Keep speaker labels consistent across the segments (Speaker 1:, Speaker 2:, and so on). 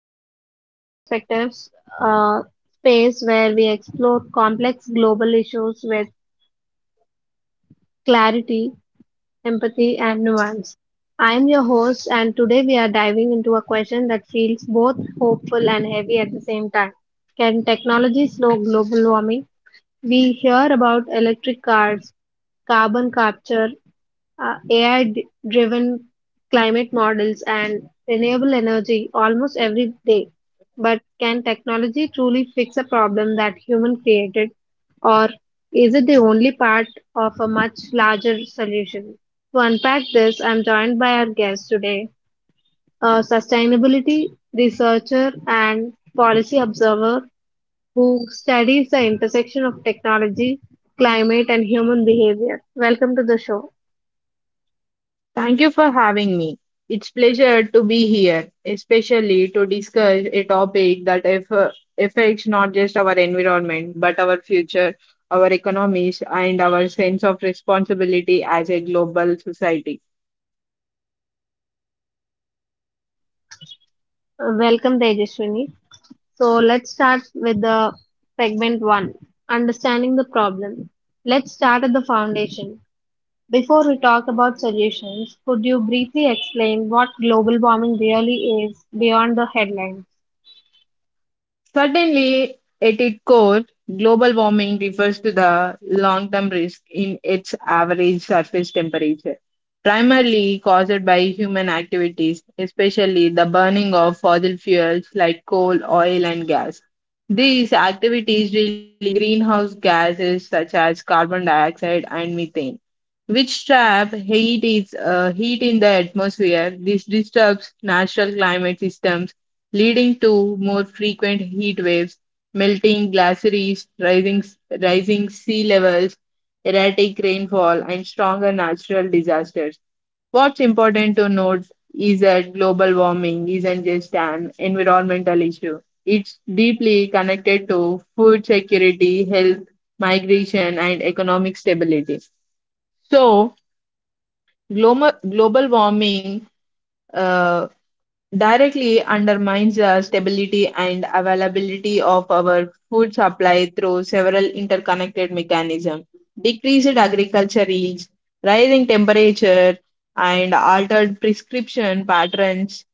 Speaker 1: welcome back to Perspectives, a space where we explore complex global issues with clarity, empathy, and nuance. I am your host, and today we are diving into a question that feels both hopeful and heavy at the same time. Can technology slow global warming? We hear about electric cars, carbon capture, AI-driven climate models and renewable energy almost every day. But can technology truly fix a problem that human created, or is it the only part of a much larger solution? To unpack this, I'm joined by our guest today, a sustainability researcher and policy observer who studies the intersection of technology, climate, and human behavior. Welcome to the show.
Speaker 2: Thank you for having me. It's pleasure to be here, especially to discuss a topic that affects not just our environment, but our future, our economies, and our sense of responsibility as a global society.
Speaker 1: Welcome, Tejaswini. So let's start with the segment one, understanding the problem. Let's start at the foundation. Before we talk about solutions, could you briefly explain what global warming really is beyond the headlines?
Speaker 2: Certainly, at its core, global warming refers to the long term risk in its average surface temperature, primarily caused by human activities, especially the burning of fossil fuels like coal, oil, and gas. These activities release greenhouse gases such as carbon dioxide and methane, which trap heat in the atmosphere. This disturbs natural climate systems leading to more frequent heat waves, melting glaciers, rising sea levels, erratic rainfall, and stronger natural disasters. What's important to note is that global warming isn't just an environmental issue. It's deeply connected to food security, health, migration, and economic stability. So, global warming uh, directly undermines the stability and availability of our food supply through several interconnected mechanisms. Decreased agriculture yields, rising temperature, and altered prescription patterns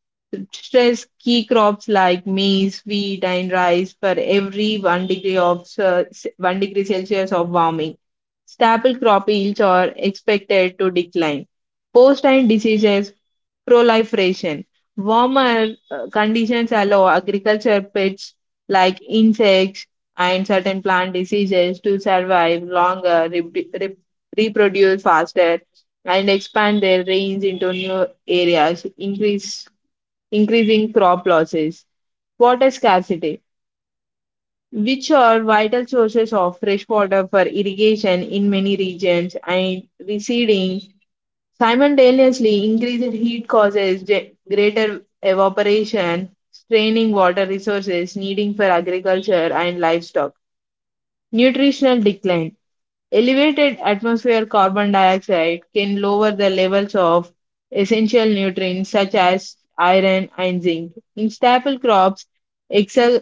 Speaker 2: stress key crops like maize, wheat, and rice for every one degree Celsius of warming. Staple crop yields are expected to decline. Post and diseases proliferation. Warmer conditions allow agriculture pests like insects and certain plant diseases to survive longer, reproduce faster, and expand their range into new areas, increasing crop losses. Water scarcity, which are vital sources of fresh water for irrigation in many regions, and receding. Simultaneously, increased heat causes greater evaporation, straining water resources needing for agriculture and livestock. Nutritional decline. Elevated atmospheric carbon dioxide can lower the levels of essential nutrients such as iron and zinc. In staple crops, ex-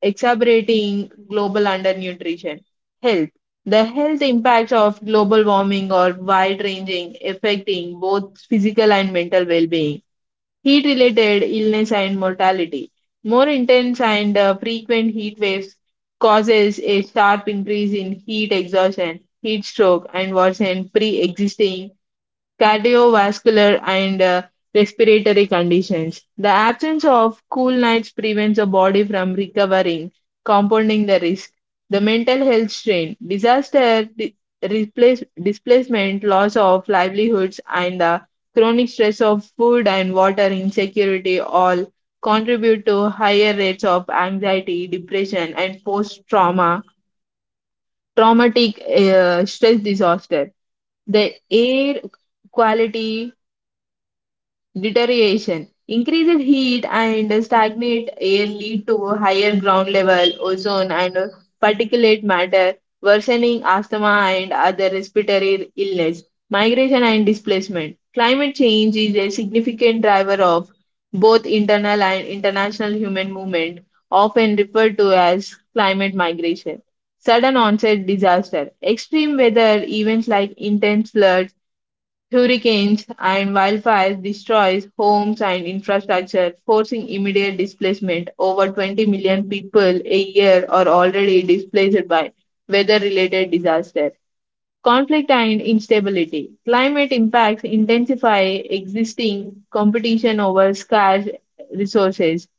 Speaker 2: exacerbating global undernutrition. Health. The health impacts of global warming are wide ranging, affecting both physical and mental well being. Heat related illness and mortality. More intense and frequent heat waves causes a sharp increase in heat exhaustion, heat stroke, and worsen pre existing cardiovascular, and respiratory conditions. The absence of cool nights prevents the body from recovering, compounding the risk. The mental health strain, displacement, loss of livelihoods, and the chronic stress of food and water insecurity all contribute to higher rates of anxiety, depression, and post traumatic stress disaster. The air quality deterioration. Increased heat and stagnant air lead to higher ground level, ozone and particulate matter, worsening asthma and other respiratory illness, migration and displacement. Climate change is a significant driver of both internal and international human movement, often referred to as climate migration. Sudden onset disaster. Extreme weather events like intense floods, hurricanes, and wildfires destroys homes and infrastructure, forcing immediate displacement. Over 20 million people a year are already displaced by weather-related disaster. Conflict and instability. Climate impacts intensify existing competition over scarce resources,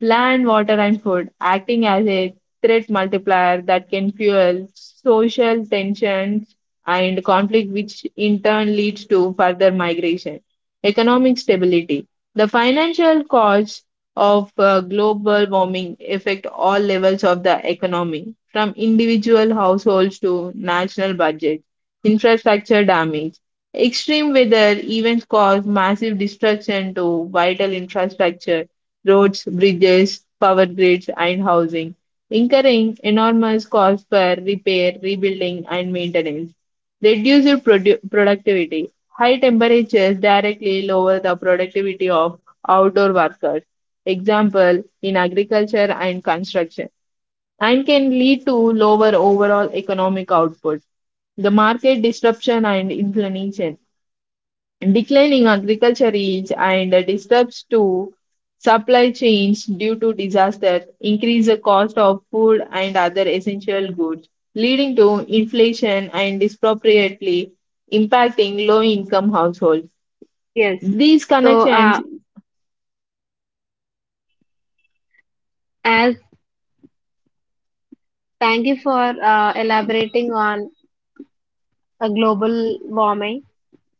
Speaker 2: land, water, and food, acting as a threat multiplier that can fuel social tensions and conflict, which in turn leads to further migration. Economic stability. The financial costs of global warming affect all levels of the economy, from individual households to national budgets. Infrastructure damage. Extreme weather events cause massive destruction to vital infrastructure, roads, bridges, power grids, and housing, incurring enormous costs for repair, rebuilding, and maintenance. Reduced productivity. High temperatures directly lower the productivity of outdoor workers, example in agriculture and construction, and can lead to lower overall economic output, the market disruption and inflation. Declining agriculture yields and disturbs to supply chains due to disaster increase the cost of food and other essential goods, leading to inflation and disproportionately impacting low-income households.
Speaker 1: Yes.
Speaker 2: These
Speaker 1: So,
Speaker 2: connections,
Speaker 1: as thank you for elaborating on a global warming.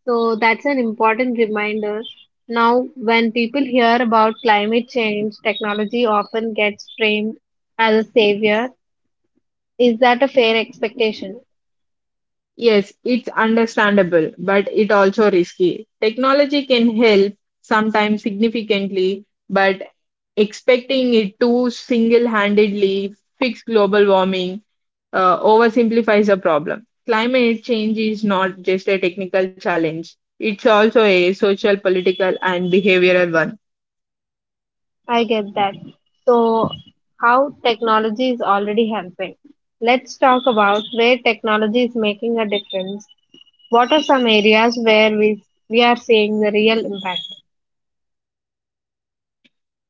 Speaker 1: So that's an important reminder. Now, when people hear about climate change, technology often gets framed as a savior. Is that a fair expectation?
Speaker 2: yes, it's understandable, but it also risky. Technology can help sometimes significantly, but expecting it to single-handedly fix global warming oversimplifies a problem. Climate change is not just a technical challenge, it's also a social, political, and behavioral one.
Speaker 1: I get that. So, how technology is already helping. Let's talk about where technology is making a difference. What are some areas where we are seeing the real impact?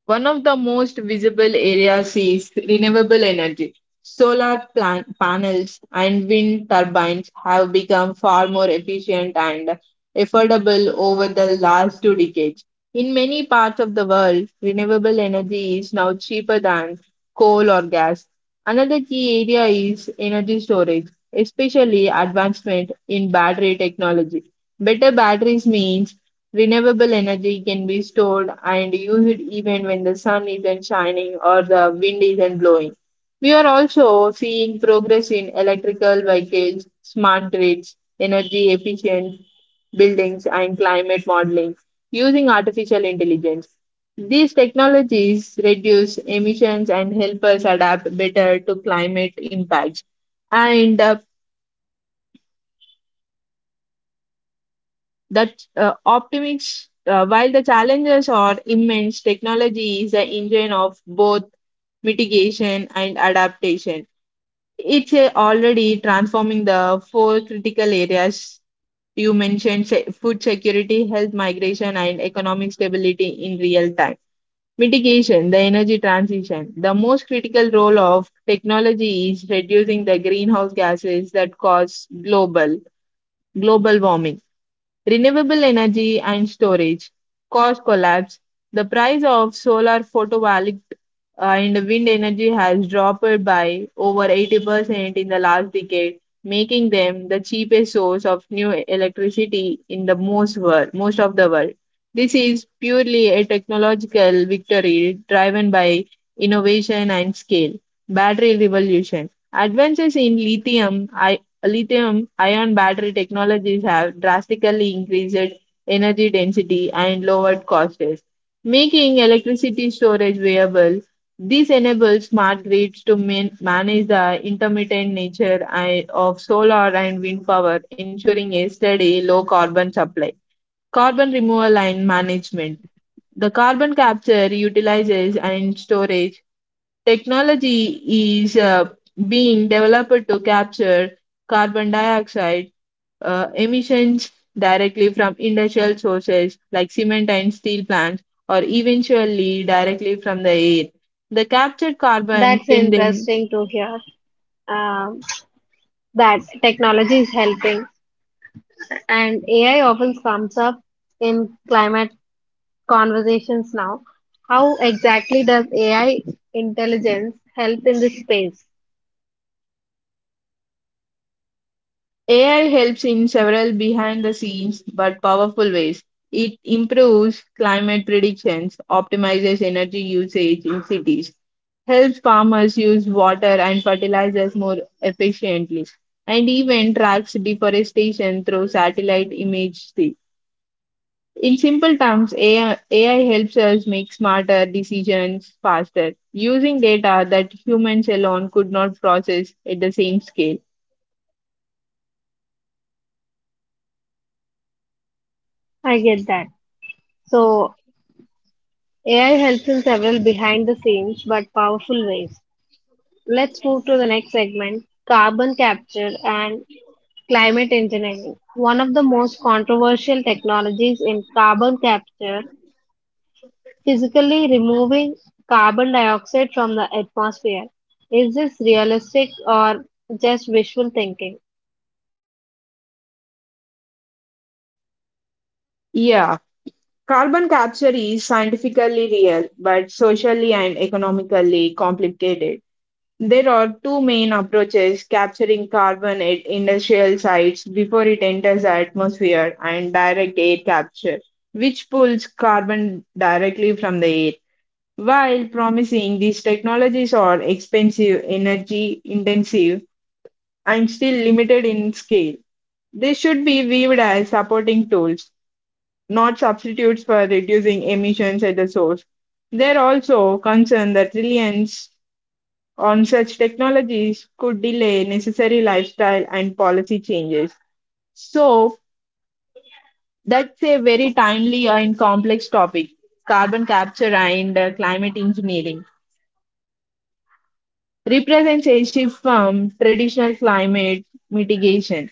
Speaker 2: One of the most visible areas is renewable energy. Panels and wind turbines have become far more efficient and affordable over the last 2 decades. In many parts of the world, renewable energy is now cheaper than coal or gas. Another key area is energy storage, especially advancement in battery technology. Better batteries means renewable energy can be stored and used even when the sun isn't shining or the wind isn't blowing. We are also seeing progress in electrical vehicles, smart grids, energy efficient buildings, and climate modeling using artificial intelligence. These technologies reduce emissions and help us adapt better to climate impacts. And That Optimists, while the challenges are immense, technology is the engine of both mitigation and adaptation. It's already transforming the four critical areas you mentioned food security, health migration, and economic stability in real time. Mitigation, the energy transition. The most critical role of technology is reducing the greenhouse gases that cause global warming. Renewable energy and storage, cost collapse. The price of solar photovoltaic and wind energy has dropped by over 80% in the last decade, making them the cheapest source of new electricity in the most of the world. This is purely a technological victory driven by innovation and scale. Battery revolution. Advances in lithium-ion battery technologies have drastically increased energy density and lowered costs, making electricity storage viable. This enables smart grids to manage the intermittent nature of solar and wind power, ensuring a steady, low carbon supply. Carbon removal and management. The carbon capture, utilizes, and storage technology is being developed to capture carbon dioxide emissions directly from industrial sources like cement and steel plants, or eventually directly from the air. The captured carbon
Speaker 1: That's
Speaker 2: can then
Speaker 1: interesting to hear um, that technology is helping, and AI often comes up in climate conversations now. How exactly does AI intelligence help in this space?
Speaker 2: AI helps in several behind the scenes but powerful ways. It improves climate predictions, optimizes energy usage in cities, helps farmers use water and fertilizers more efficiently, and even tracks deforestation through satellite In simple terms, AI helps us make smarter decisions faster, using data that humans alone could not process at the same scale.
Speaker 1: I get that. So, AI helps in several behind the scenes but powerful ways. Let's move to the next segment, carbon capture and climate engineering. One of the most controversial technologies in carbon capture, physically removing carbon dioxide from the atmosphere. Is this realistic or just wishful thinking?
Speaker 2: Yeah. Carbon capture is scientifically real, but socially and economically complicated. There are two main approaches, capturing carbon at industrial sites before it enters the atmosphere and direct air capture, which pulls carbon directly from the air. While promising, these technologies are expensive, energy intensive, and still limited in scale. They should be viewed as supporting tools, not substitutes for reducing emissions at the source. They're also concerned that reliance on such technologies could delay necessary lifestyle and policy changes. So, that's a very timely and complex topic. Carbon capture and climate engineering represents a shift from traditional climate mitigation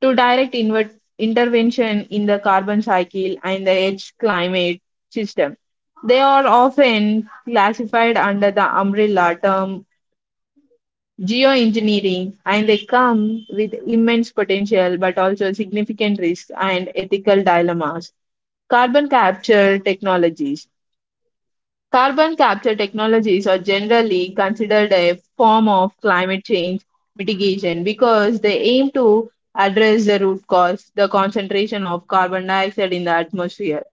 Speaker 2: to direct intervention in the carbon cycle and the edge climate system. They are often classified under the umbrella term geoengineering and they come with immense potential but also significant risks and ethical dilemmas. Carbon capture technologies. Carbon capture technologies are generally considered a form of climate change mitigation because they aim to address the root cause, the concentration of carbon dioxide in the atmosphere.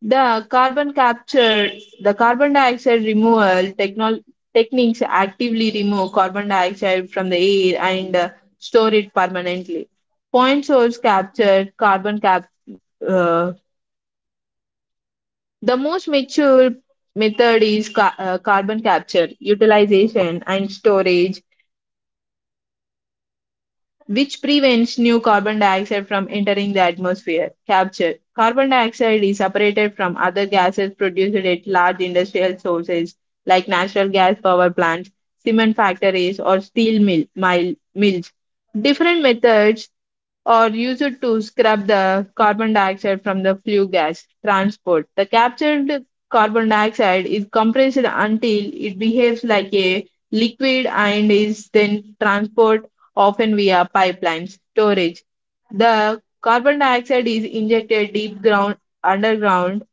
Speaker 2: The carbon capture, the carbon dioxide removal techniques actively remove carbon dioxide from the air and store it permanently. Point source capture, uh, the most mature method is carbon capture, utilization, and storage, which prevents new carbon dioxide from entering the atmosphere. Capture carbon dioxide is separated from other gases produced at large industrial sources like natural gas power plants, cement factories, or mills. Different methods or used to scrub the carbon dioxide from the flue gas transport. The captured carbon dioxide is compressed until it behaves like a liquid and is then transported often via pipelines storage. The carbon dioxide is injected deep ground underground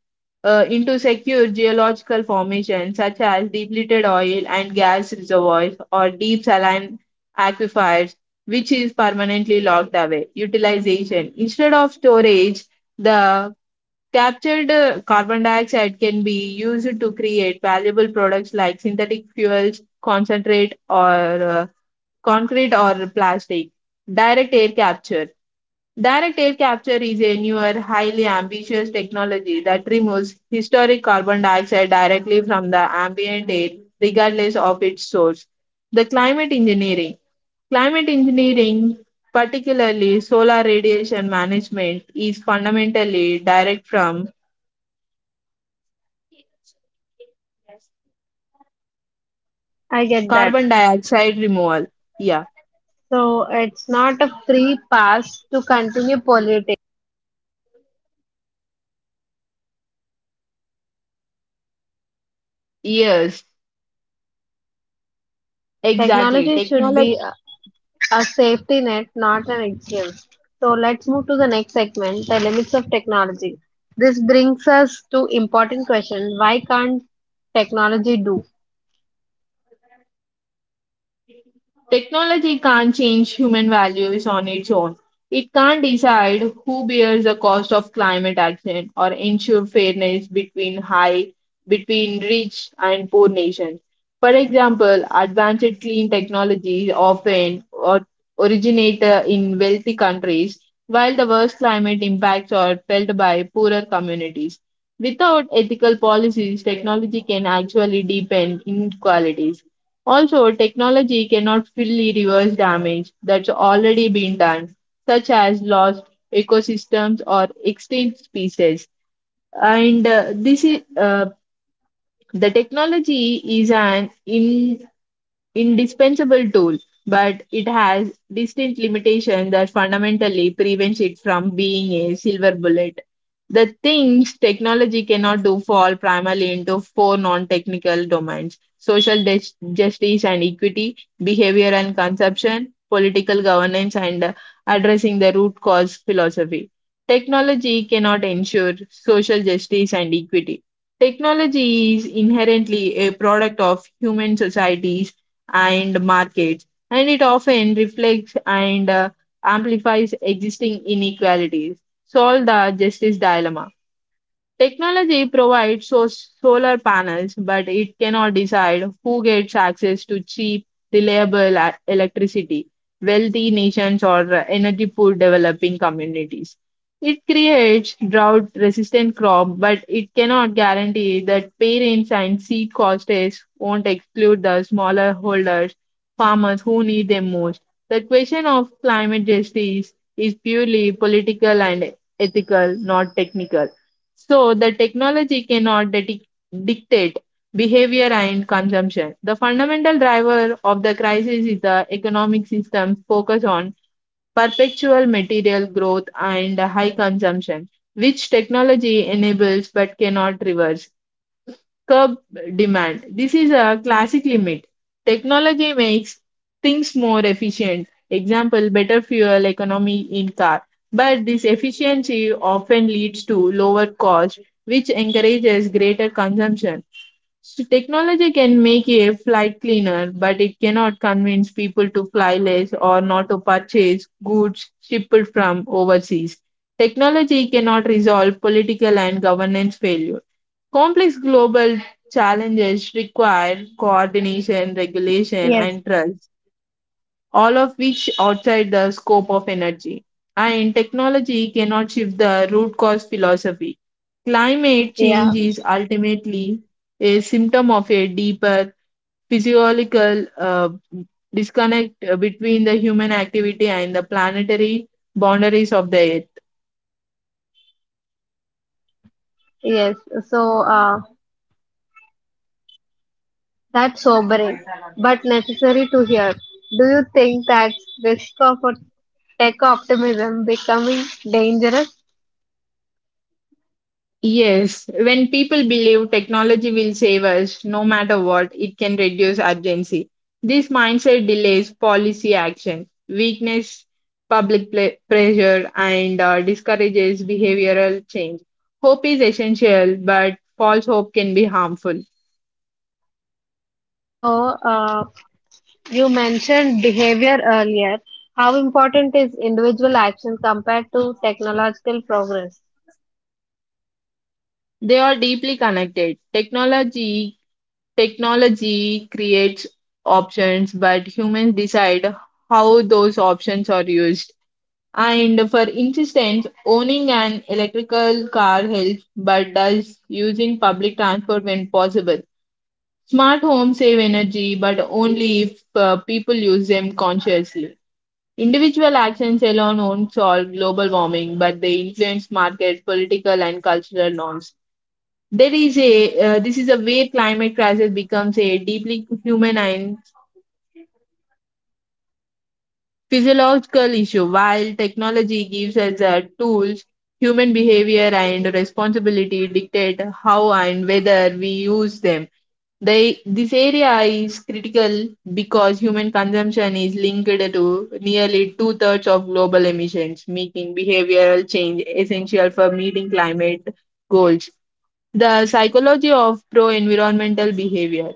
Speaker 2: into secure geological formations such as depleted oil and gas reservoirs or deep saline aquifers, which is permanently locked away. Utilization instead of storage, the captured carbon dioxide can be used to create valuable products like synthetic fuels, concentrate, or uh, concrete or plastic. Direct air capture. Direct air capture is a newer, highly ambitious technology that removes historic carbon dioxide directly from the ambient air, regardless of its source. The climate engineering. Climate engineering, particularly solar radiation management, is fundamentally direct from
Speaker 1: I get that.
Speaker 2: carbon dioxide removal. Yeah,
Speaker 1: So, it's not a free pass to continue polluting.
Speaker 2: yes, exactly.
Speaker 1: Technology should be a safety net, not an excuse. So let's move to the next segment, the limits of technology. This brings us to important question: why can't technology do?
Speaker 2: Technology can't change human values on its own. It can't decide who bears the cost of climate action or ensure fairness between rich and poor nations. For example, advanced clean technologies often originate in wealthy countries, while the worst climate impacts are felt by poorer communities. Without ethical policies, technology can actually deepen inequalities. Also, technology cannot fully reverse damage that's already been done, such as lost ecosystems or extinct species. And this is The technology is an indispensable tool, but it has distinct limitations that fundamentally prevents it from being a silver bullet. The things technology cannot do fall primarily into four non technical domains social justice and equity, behavior and consumption, political governance, and addressing the root cause philosophy. Technology cannot ensure social justice and equity. Technology is inherently a product of human societies and markets, and it often reflects and amplifies existing inequalities. Solve the justice dilemma. Technology provides solar panels, but it cannot decide who gets access to cheap, reliable electricity, wealthy nations or energy poor developing communities. It creates drought resistant crop, but it cannot guarantee that parents and seed costs won't exclude the smaller holders, farmers who need them most. The question of climate justice is purely political and ethical, not technical. So the technology cannot dictate behavior and consumption. The fundamental driver of the crisis is the economic system's focus on perpetual material growth and high consumption, which technology enables but cannot reverse curb demand. This is a classic limit. Technology makes things more efficient. Example, better fuel economy in car. But this efficiency often leads to lower cost, which encourages greater consumption. So technology can make a flight cleaner, but it cannot convince people to fly less or not to purchase goods shipped from overseas. Technology cannot resolve political and governance failure. Complex global challenges require coordination, regulation,
Speaker 1: Yes,
Speaker 2: and trust, all of which outside the scope of energy. And technology cannot shift the root cause philosophy. Climate
Speaker 1: yeah.
Speaker 2: change is ultimately a symptom of a deeper physiological disconnect between the human activity and the planetary boundaries of the Earth.
Speaker 1: Yes, so uh, that's sobering, but necessary to hear. Do you think that risk of a tech optimism becoming dangerous?
Speaker 2: Yes, when people believe technology will save us no matter what, it can reduce urgency. This mindset delays policy action, weakness, public pressure, and discourages behavioral change. Hope is essential, but false hope can be harmful.
Speaker 1: So uh, You mentioned behavior earlier. How important is individual action compared to technological progress?
Speaker 2: They are deeply connected. Technology creates options, but humans decide how those options are used. And for instance, owning an electrical car helps, but does using public transport when possible. Smart homes save energy, but only if people use them consciously. Individual actions alone won't solve global warming, but they influence market, political, and cultural norms. There is a this is a way climate crisis becomes a deeply human and physiological issue. While technology gives us the tools, human behavior and responsibility dictate how and whether we use them. This area is critical because human consumption is linked to nearly two-thirds of global emissions, making behavioral change essential for meeting climate goals. The psychology of pro environmental behavior.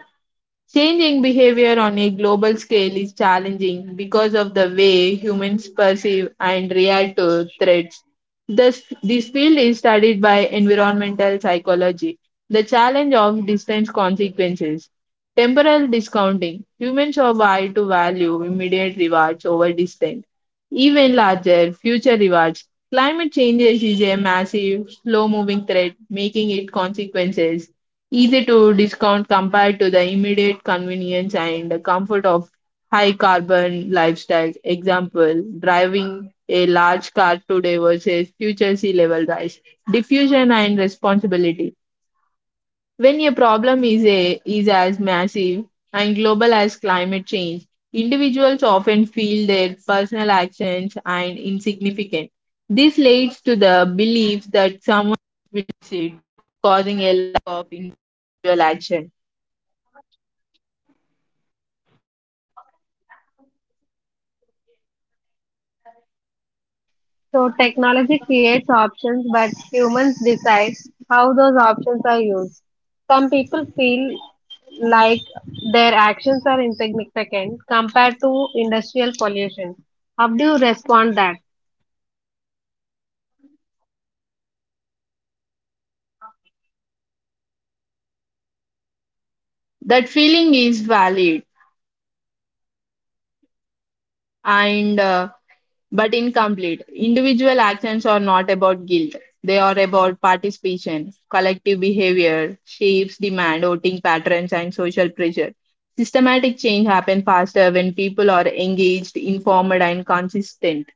Speaker 2: Changing behavior on a global scale is challenging because of the way humans perceive and react to threats. This field is studied by environmental psychology. The challenge of distant consequences. Temporal discounting. Humans are wired to value immediate rewards over distant, even larger future rewards. Climate changes is a massive, slow moving threat, making its consequences easy to discount compared to the immediate convenience and comfort of high carbon lifestyle. Example, driving a large car today versus future sea level rise. Diffusion and responsibility. When a problem is as massive and global as climate change, individuals often feel their personal actions are insignificant. This leads to the belief that
Speaker 1: So, technology creates options, but humans decide how those options are used. Some people feel like their actions are insignificant compared to industrial pollution. How do you respond that?
Speaker 2: that feeling is valid and but incomplete. Individual actions are not about guilt. They are about participation, collective behavior, shapes, demand, voting and social pressure. Systematic change happens faster when people are engaged, informed, and consistent.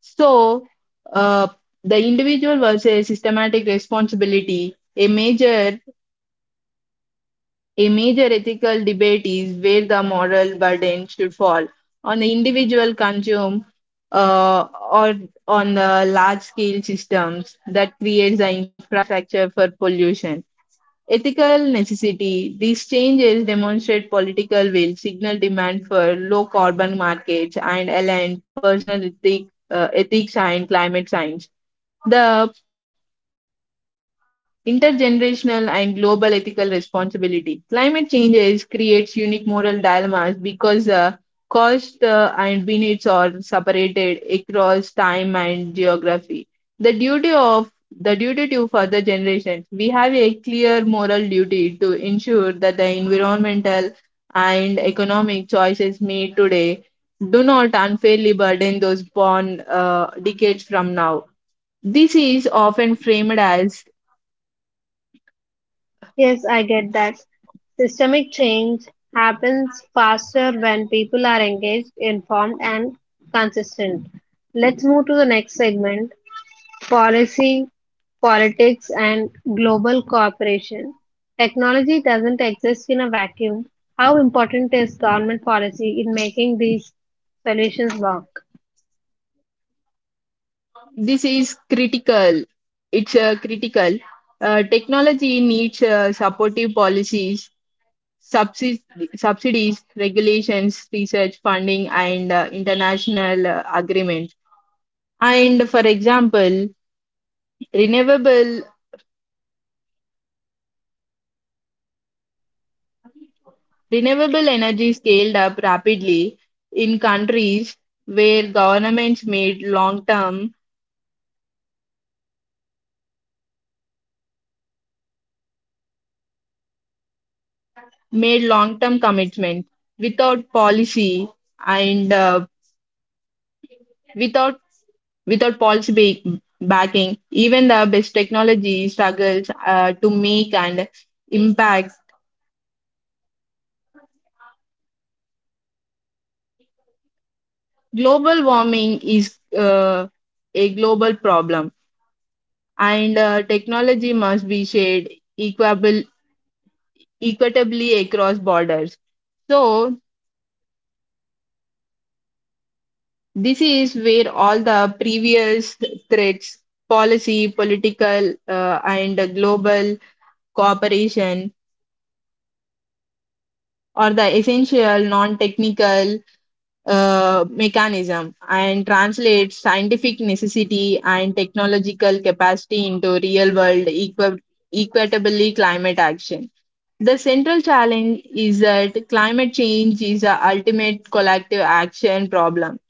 Speaker 2: So, uh, the individual versus systematic responsibility, a major ethical debate is where the moral burden should fall on the individual consumer or on the large scale systems that creates the infrastructure for pollution. Ethical necessity. These changes demonstrate political will, signal demand for low carbon markets, and align personal ethics and climate science. The intergenerational and global ethical responsibility. Climate changes creates unique moral dilemmas because cost and benefits are separated across time and geography. The duty to further generations. We have a clear moral duty to ensure that the environmental and economic choices made today do not unfairly burden those born decades from now. This is often framed as
Speaker 1: Yes, I get that. Systemic change happens faster when people are engaged, informed, and consistent. Let's move to the next segment, policy, politics, and global cooperation. Technology doesn't exist in a vacuum. How important is government policy in making these solutions work?
Speaker 2: this is critical. It's critical. Technology needs supportive policies, subsi- subsidies, regulations, research funding, and international agreements. And for example, renewable renewable energy scaled up rapidly in countries where governments made long term commitments without policy and Without without backing, even the best technology struggles to make and impact. Global warming is a global problem, and technology must be shared equable, equitably across borders. So, this is where all the previous threats, policy, political, and global cooperation, are the essential non technical mechanism and translates scientific necessity and technological capacity into real world equitably climate action. The central challenge is that climate change is a ultimate collective action problem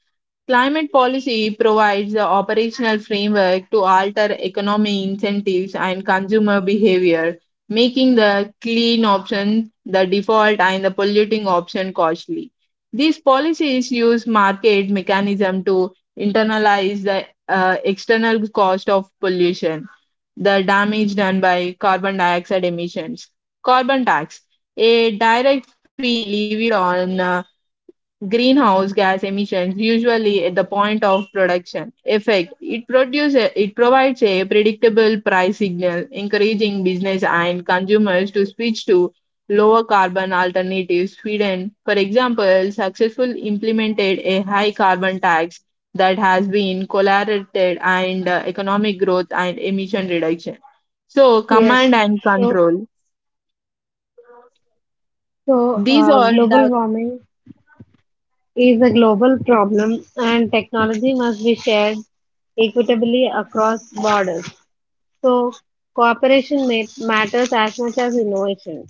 Speaker 2: climate policy provides the operational framework to alter economic incentives and consumer behavior, making the clean option the default and the polluting option costly. These policies use market mechanism to internalize the external cost of pollution, the damage done by carbon dioxide emissions. Carbon tax, a direct fee levied on greenhouse gas emissions, usually at the point of production. Effect, it provides a predictable price signal, encouraging business and consumers to switch to lower carbon alternatives. Sweden, for example, successfully implemented a high carbon tax that has been correlated and economic growth and emission reduction. So,
Speaker 1: Yes.
Speaker 2: command and
Speaker 1: So,
Speaker 2: control. These are
Speaker 1: global
Speaker 2: direct
Speaker 1: warming is a global problem and technology must be shared equitably across borders. So cooperation matters as much as innovation.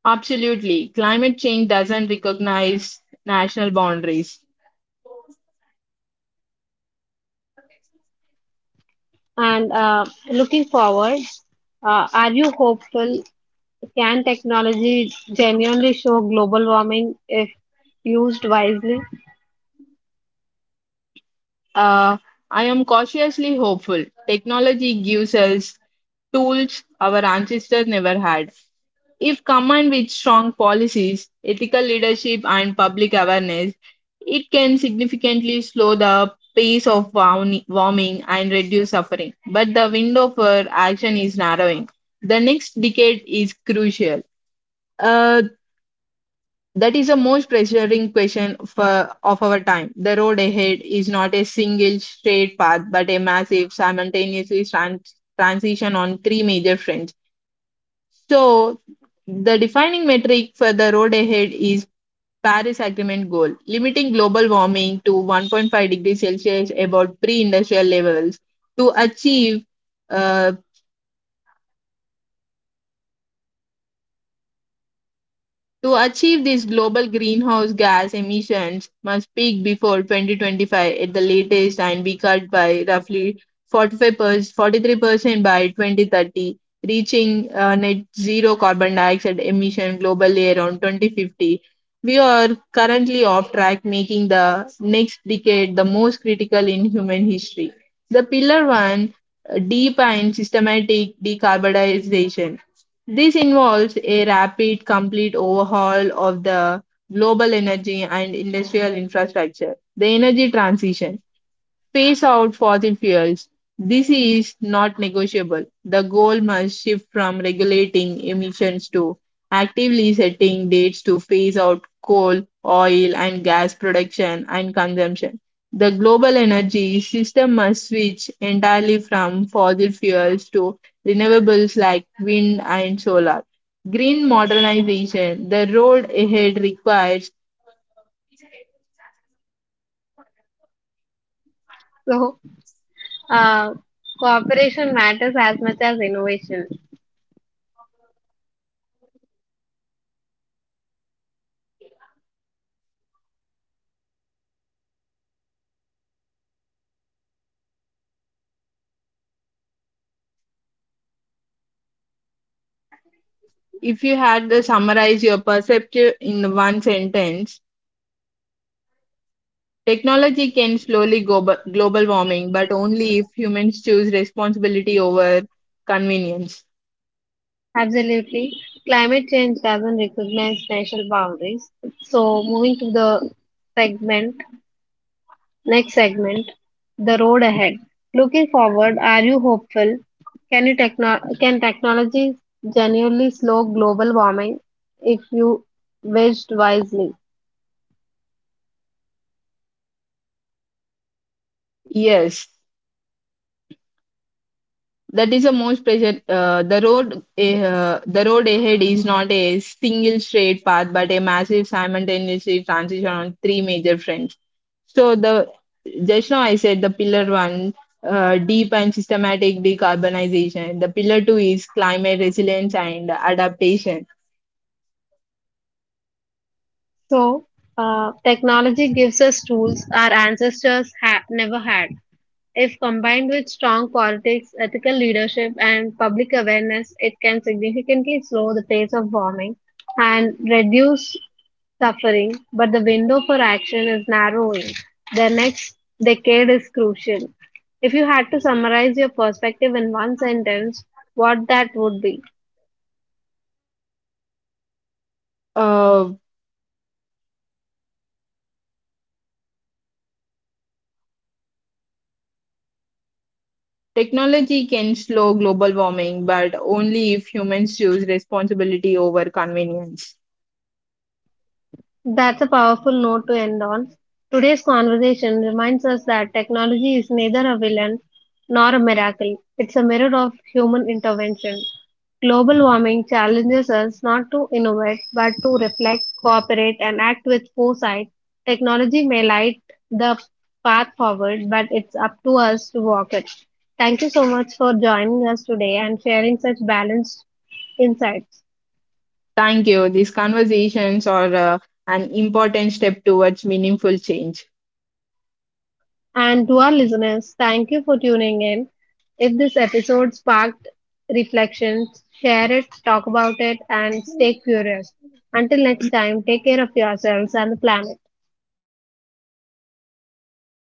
Speaker 2: absolutely. Climate change doesn't recognize national boundaries.
Speaker 1: And Looking forward, are you hopeful? Can technology genuinely show global warming if used wisely?
Speaker 2: Uh, I am cautiously hopeful. Technology gives us tools our ancestors never had. If combined with strong policies, ethical leadership, and public awareness, it can significantly slow the pace of warming and reduce suffering. But the window for action is narrowing. The next decade is crucial. Uh, That is the most pressuring question for, of our time. The road ahead is not a single straight path, but a massive, transition on three major fronts. So, the defining metric for the road ahead is Paris Agreement goal, limiting global warming to 1.5 degrees Celsius above pre-industrial levels. To achieve uh, To achieve these global greenhouse gas emissions must peak before 2025 at the latest and be cut by roughly 45%, 43% by 2030, reaching net zero carbon dioxide emission globally around 2050. We are currently off track, making the next decade the most critical in human history. The pillar
Speaker 1: Yes.
Speaker 2: one, deep and systematic decarbonization. This involves a rapid, complete overhaul of the global energy and industrial infrastructure. The energy transition. Space out fossil fuels. This is not negotiable. The goal must shift from regulating emissions to actively setting dates to phase out coal, oil, and gas production and consumption. The global energy system must switch entirely from fossil fuels to renewables like wind and solar. Green modernization, the road ahead requires,
Speaker 1: So uh, Cooperation matters as much as innovation.
Speaker 2: if you had to summarize your perspective in one sentence, technology can slowly global warming, but only if humans choose responsibility over convenience.
Speaker 1: Absolutely. Climate change doesn't recognize national boundaries. So, moving to the segment, next segment, the road ahead. Looking forward, are you hopeful? Can technology genuinely slow global warming if you waged wisely?
Speaker 2: Yes, that is the most pressure. The road ahead is not a single straight path, but a massive simultaneous transition on three major fronts. So the just now I said the pillar one, deep and systematic decarbonization. The pillar two is climate resilience and adaptation
Speaker 1: So, Technology gives us tools our ancestors never had. If combined with strong politics, ethical leadership, and public awareness, it can significantly slow the pace of warming and reduce suffering. But the window for action is narrowing. The next decade is crucial. If you had to summarize your perspective in one sentence, what that would be?
Speaker 2: Uh, technology can slow global warming, but only if humans choose responsibility over convenience.
Speaker 1: That's a powerful note to end on. Today's conversation reminds us that technology is neither a villain nor a miracle. It's a mirror of human intervention. Global warming challenges us not to innovate, but to reflect, cooperate, and act with foresight. Technology may light the path forward, but it's up to us to walk it. Thank you so much for joining us today and sharing such balanced insights.
Speaker 2: Thank you. These conversations are an important step towards meaningful change.
Speaker 1: And to our listeners, thank you for tuning in. If this episode sparked reflections, share it, talk about it, and stay curious. Until next time, take care of yourselves and the planet.